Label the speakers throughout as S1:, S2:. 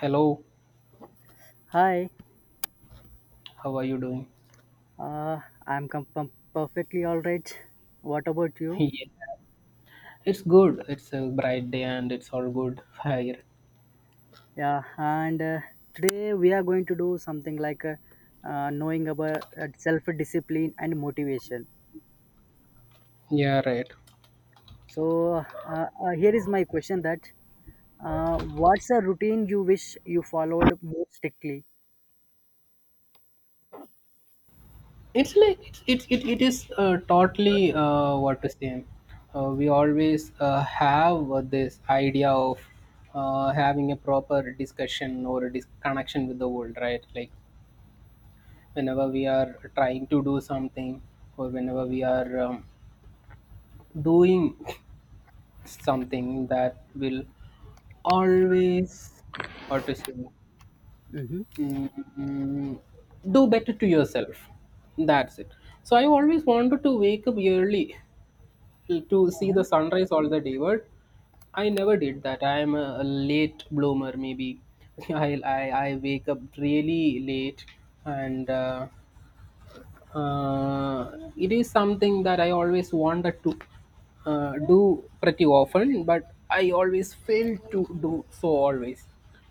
S1: Hello,
S2: Hi,
S1: how are you doing?
S2: uh, I'm perfectly alright. What about you?
S1: Yeah, it's good. It's a bright day and it's all good here.
S2: Yeah, and today we are going to do something like knowing about self discipline and motivation.
S1: Yeah, right.
S2: So, here is my question that what's a routine you wish you followed more strictly?
S1: It's like it's it it, it is totally what to say. We always have this idea of having a proper discussion or a connection with the world, right? Like whenever we are trying to do something or whenever we are doing something that will always what to say
S2: Mm-hmm.
S1: Mm, do better to yourself. That's it. So I always wanted to wake up early to see the sunrise all the day, but I never did that. I am a late bloomer, maybe. I wake up really late, and uh, it is something that I always wanted to do pretty often, but I always failed to do so always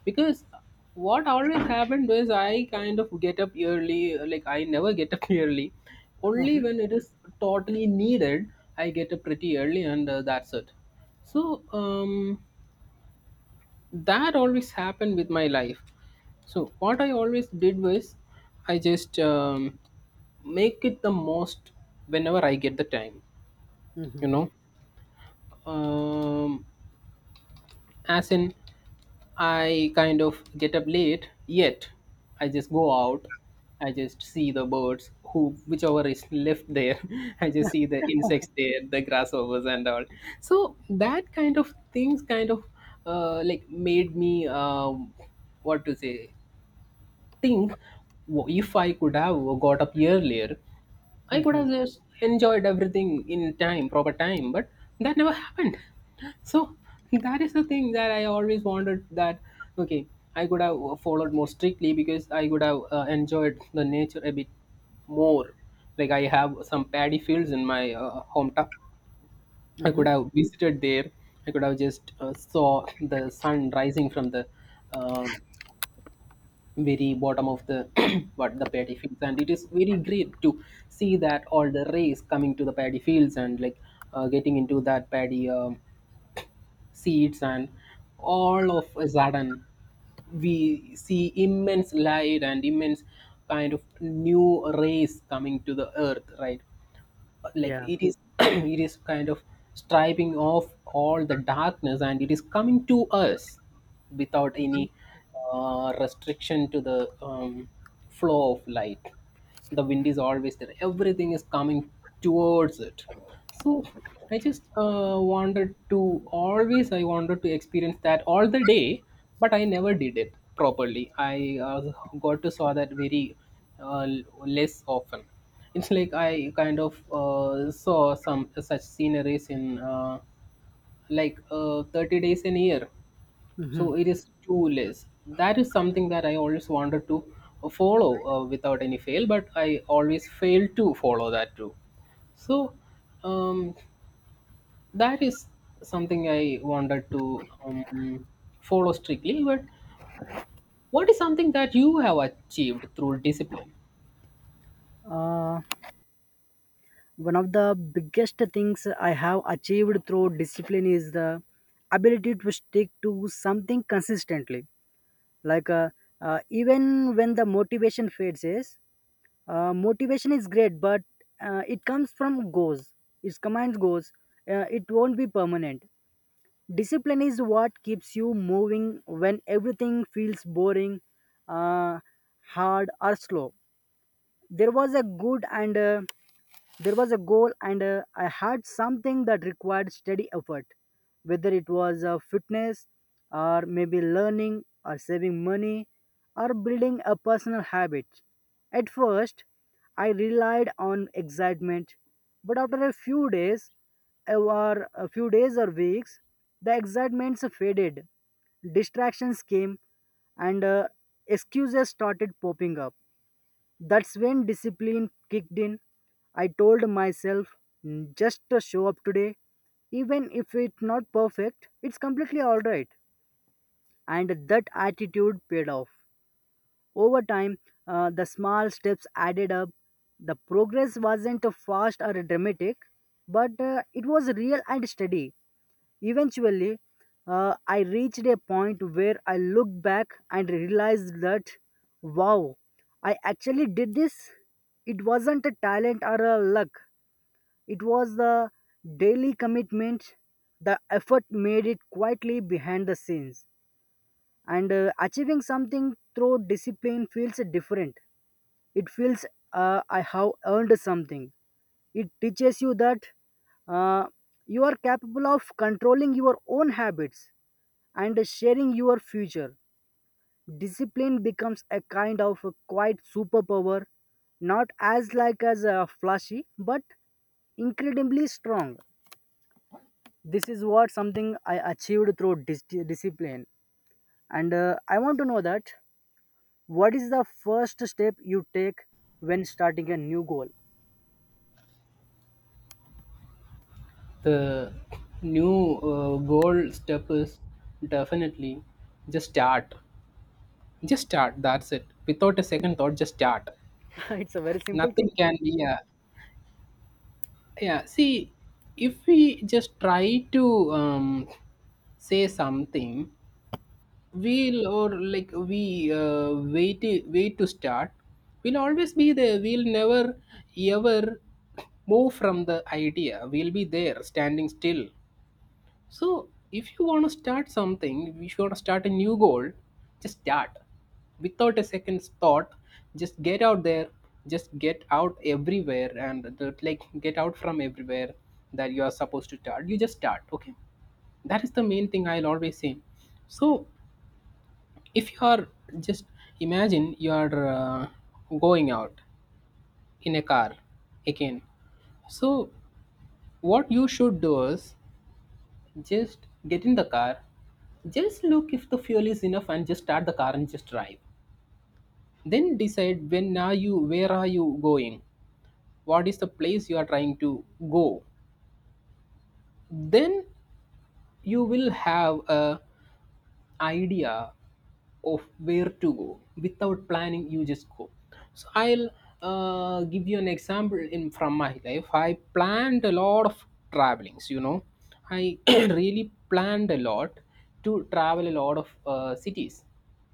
S1: because what always happened was I kind of get up early, like I never get up early.
S2: Mm-hmm.
S1: Only when it is totally needed, I get up pretty early, and that's it. So that always happened with my life, so what I always did was I just make it the most whenever I get the time
S2: Mm-hmm.
S1: you know um, as in I kind of get up late, yet I just go out, I just see the birds, who whichever is left there. I just see the insects there, the grasshoppers and all. So that kind of things kind of like made me what to say, think. If I could have got up earlier, I could
S2: Mm-hmm.
S1: have just enjoyed everything in time, proper time, but that never happened. So that is the thing that I always wanted, that okay, I could have followed more strictly because I could have enjoyed the nature a bit more. Like I have some paddy fields in my hometown. I
S2: Mm-hmm.
S1: could have visited there. I could have just saw the sun rising from the um, very bottom of the what the paddy fields, and it is very great to see that all the rays coming to the paddy fields, and like getting into that paddy seeds, and all of a sudden we see immense light and immense kind of new rays coming to the earth, right? Like
S2: Yeah.
S1: it is it is kind of striping off all the darkness, and it is coming to us without
S2: Mm-hmm.
S1: any restriction to the flow of light. The wind is always there, everything is coming towards it. So I just wanted to always, I wanted to experience that all the day, but I never did it properly. I got to saw that very uh, l- less often. It's like I kind of saw some such sceneries in like 30 days in a year.
S2: Mm-hmm.
S1: So it is too less. That is something that I always wanted to follow without any fail, but I always fail to follow that too. So um, that is something I wanted to follow strictly. But what is something that you have achieved through discipline?
S2: One of the biggest things I have achieved through discipline is the ability to stick to something consistently, like, even when the motivation fades is. Motivation is great, but it comes from goals, it commands goals. It won't be permanent. Discipline is what keeps you moving when everything feels boring, uh, hard or slow. there was a good and uh, there was a goal, and I had something that required steady effort, whether it was fitness, or maybe learning, or saving money, or building a personal habit. At first, I relied on excitement, but after a few days, or a few days or weeks, the excitements faded, distractions came, and excuses started popping up. That's when discipline kicked in. I told myself, "Mm, just to show up today. Even if it's not perfect, it's completely alright." And that attitude paid off. Over time, the small steps added up. The progress wasn't fast or dramatic, but it was real and steady. Eventually, I reached a point where I looked back and realized that, wow, I actually did this. It wasn't a talent or a luck, it was the daily commitment. The effort made it quietly behind the scenes. And achieving something through discipline feels different. It feels I have earned something. It teaches you that uh, you are capable of controlling your own habits and sharing your future. Discipline becomes a kind of a quiet superpower, not as like as a flashy, but incredibly strong. This is what something I achieved through discipline, and I want to know that what is the first step you take when starting a new goal?
S1: The new goal step is definitely just start. Just start. That's it. Without a second thought, just start.
S2: It's a very simple
S1: Nothing
S2: tool.
S1: can. Be. Yeah, yeah. See, if we just try to say something, we'll, or like we wait to start. We'll always be there. We'll never ever move from the idea. We'll be there, standing still. So if you want to start something, if you want to start a new goal, just start without a second's thought. Just get out there, just get out everywhere, and like get out from everywhere that you are supposed to start. You just start, okay? That is the main thing I'll always say. So if you are just imagine you are going out in a car again, so what you should do is just get in the car. Just look if the fuel is enough, and just start the car and just drive. Then decide when are you, where are you going? What is the place you are trying to go? Then you will have a idea of where to go. Without planning, you just go. So I'll give you an example in from my life. I planned a lot of travelings, you know. I really planned a lot to travel a lot of cities.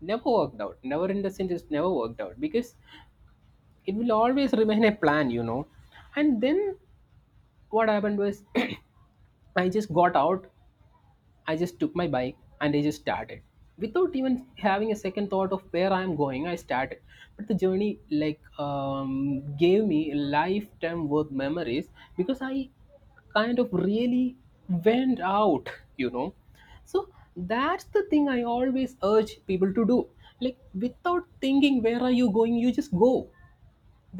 S1: Never worked out, never in the sense it's never worked out, because it will always remain a plan, you know. And then what happened was I just got out, I just took my bike, and I just started. Without even having a second thought of where I'm going, I started. But the journey like gave me lifetime worth memories, because I kind of really went out, you know. So that's the thing I always urge people to do. Like without thinking, where are you going? You just go.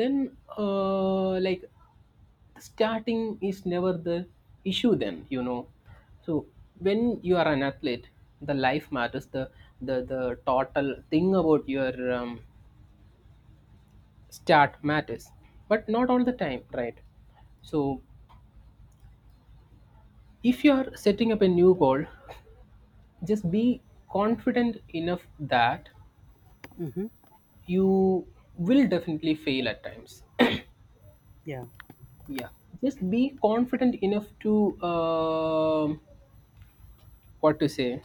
S1: Then like starting is never the issue then, you know. So when you are an athlete, the life matters, the the total thing about your start matters, but not all the time, right? So if you are setting up a new goal, just be confident enough that
S2: Hmm.
S1: you will definitely fail at times.
S2: Yeah.
S1: Yeah, just be confident enough to um what to say,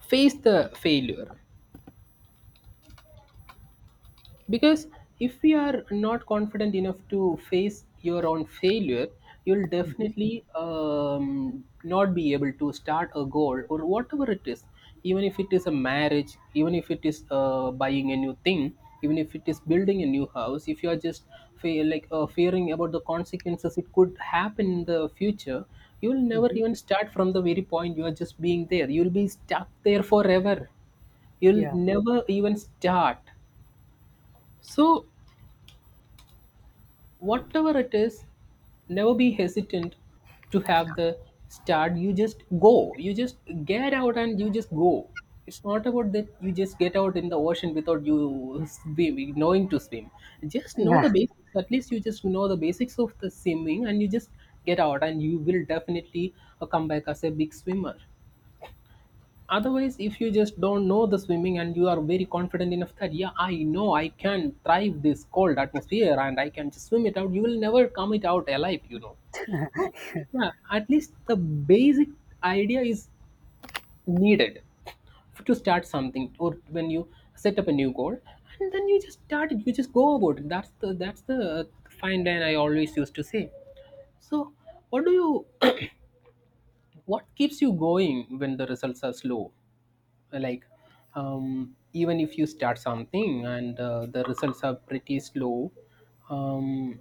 S1: face the failure. Because if we are not confident enough to face your own failure, you'll definitely not be able to start a goal or whatever it is. Even if it is a marriage, even if it is buying a new thing, even if it is building a new house, if you are just like fearing about the consequences it could happen in the future, you'll never
S2: Hmm.
S1: even start. From the very point you are just being there, you'll be stuck there forever. You'll
S2: Yeah.
S1: never even start. So whatever it is, never be hesitant to have the start. You just go, you just get out and you just go. It's not about that you just get out in the ocean without you swimming knowing to swim. Just know
S2: Yeah.
S1: the basics at least, you just know the basics of the swimming and you just get out, and you will definitely come back as a big swimmer. Otherwise, if you just don't know the swimming and you are very confident enough that yeah, I know I can thrive this cold atmosphere and I can just swim it out, you will never come it out alive, you know. So yeah, at least the basic idea is needed to start something, or when you set up a new goal, and then you just start it, you just go about it. That's the fine line I always used to say. So what do you what keeps you going when the results are slow? Like even if you start something and the results are pretty slow, um,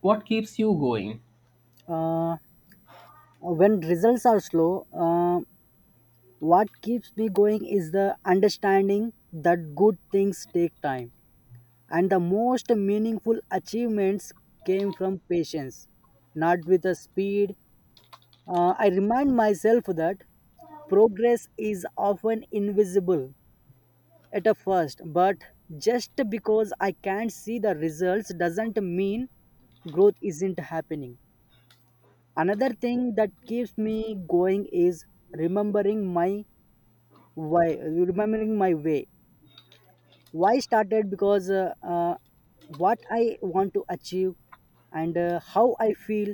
S1: what keeps you going?
S2: Uh, when results are slow, what keeps me going is the understanding that good things take time, and the most meaningful achievements came from patience, not with a speed. I remind myself that progress is often invisible at a first, but just because I can't see the results doesn't mean growth isn't happening. Another thing that keeps me going is remembering my why, remembering my way why started because what I want to achieve, and how I feel,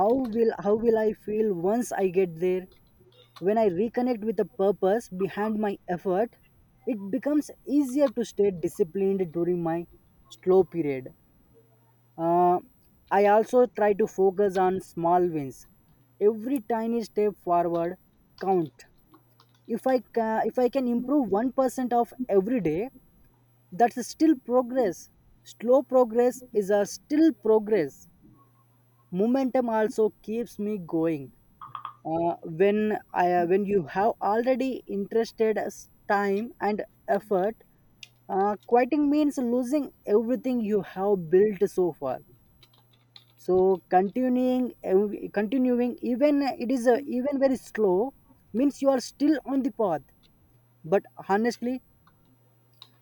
S2: how will I feel once I get there. When I reconnect with the purpose behind my effort, it becomes easier to stay disciplined during my slow period. uh, I also try to focus on small wins. Every tiny step forward count. If I can improve 1% of every day, that's still progress. Slow progress is a still progress. Momentum also keeps me going. When I, when you have already interested time and effort, quitting means losing everything you have built so far. So continuing, continuing even it is even very slow means you are still on the path. But honestly,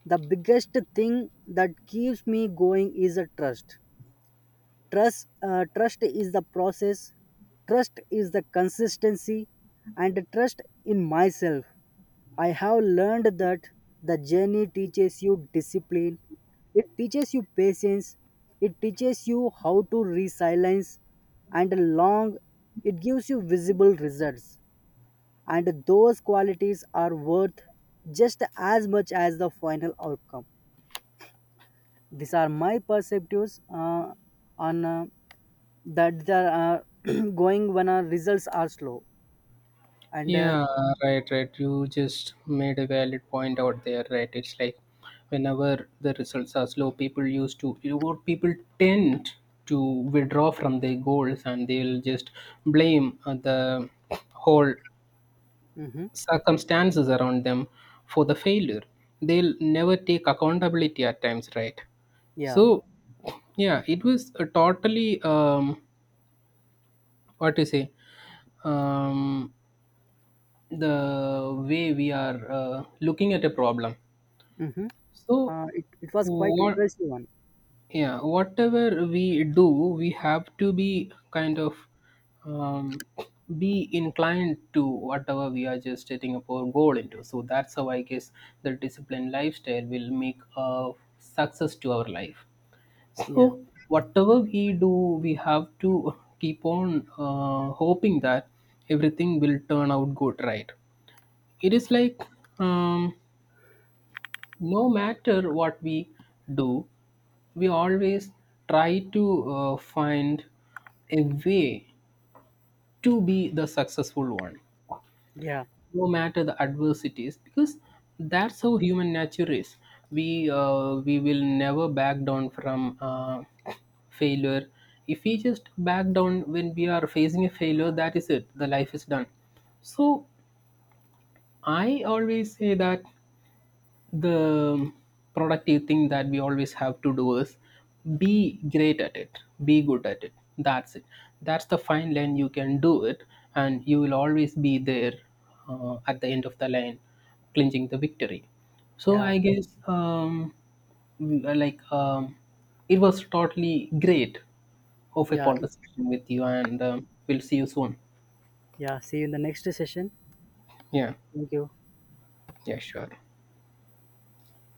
S2: the biggest thing that keeps me going is a trust. Is the process, trust is the consistency, and trust in myself. I have learned that the journey teaches you discipline, it teaches you patience, it teaches you how to resilience, and long it gives you visible results, and those qualities are worth just as much as the final outcome. These are my perspectives uh, on that they are going when our results are slow, and
S1: Yeah, right, right. You just made a valid point out there, right? It's like whenever the results are slow, people used to, you know, people tend to withdraw from their goals, and they'll just blame the whole
S2: mhm,
S1: circumstances around them for the failure. They'll never take accountability at times, right?
S2: yeah.
S1: So yeah, it was a totally what to say, um, the way we are looking at a problem.
S2: Hmm.
S1: So
S2: It was quite
S1: what,
S2: impressive one.
S1: yeah, whatever we do, we have to be kind of um, be inclined to whatever we are just setting up our goal into. So that's how I guess the disciplined lifestyle will make a success to our life. So
S2: Yeah,
S1: whatever we do, we have to keep on hoping that everything will turn out good, right? It is like um, no matter what we do, we always try to find a way to be the successful one,
S2: yeah,
S1: no matter the adversities, because that's how human nature is. We will never back down from failure. If we just back down when we are facing a failure, that is it, the life is done. So I always say that the productive thing that we always have to do is be great at it, be good at it. That's it. That's the fine line, you can do it, and you will always be there at the end of the line, clinching the victory. So
S2: yeah,
S1: I guess like it was totally great of a
S2: yeah,
S1: conversation with you, and we'll see you soon.
S2: yeah, see you in the next session.
S1: Yeah,
S2: Thank you.
S1: yeah, sure.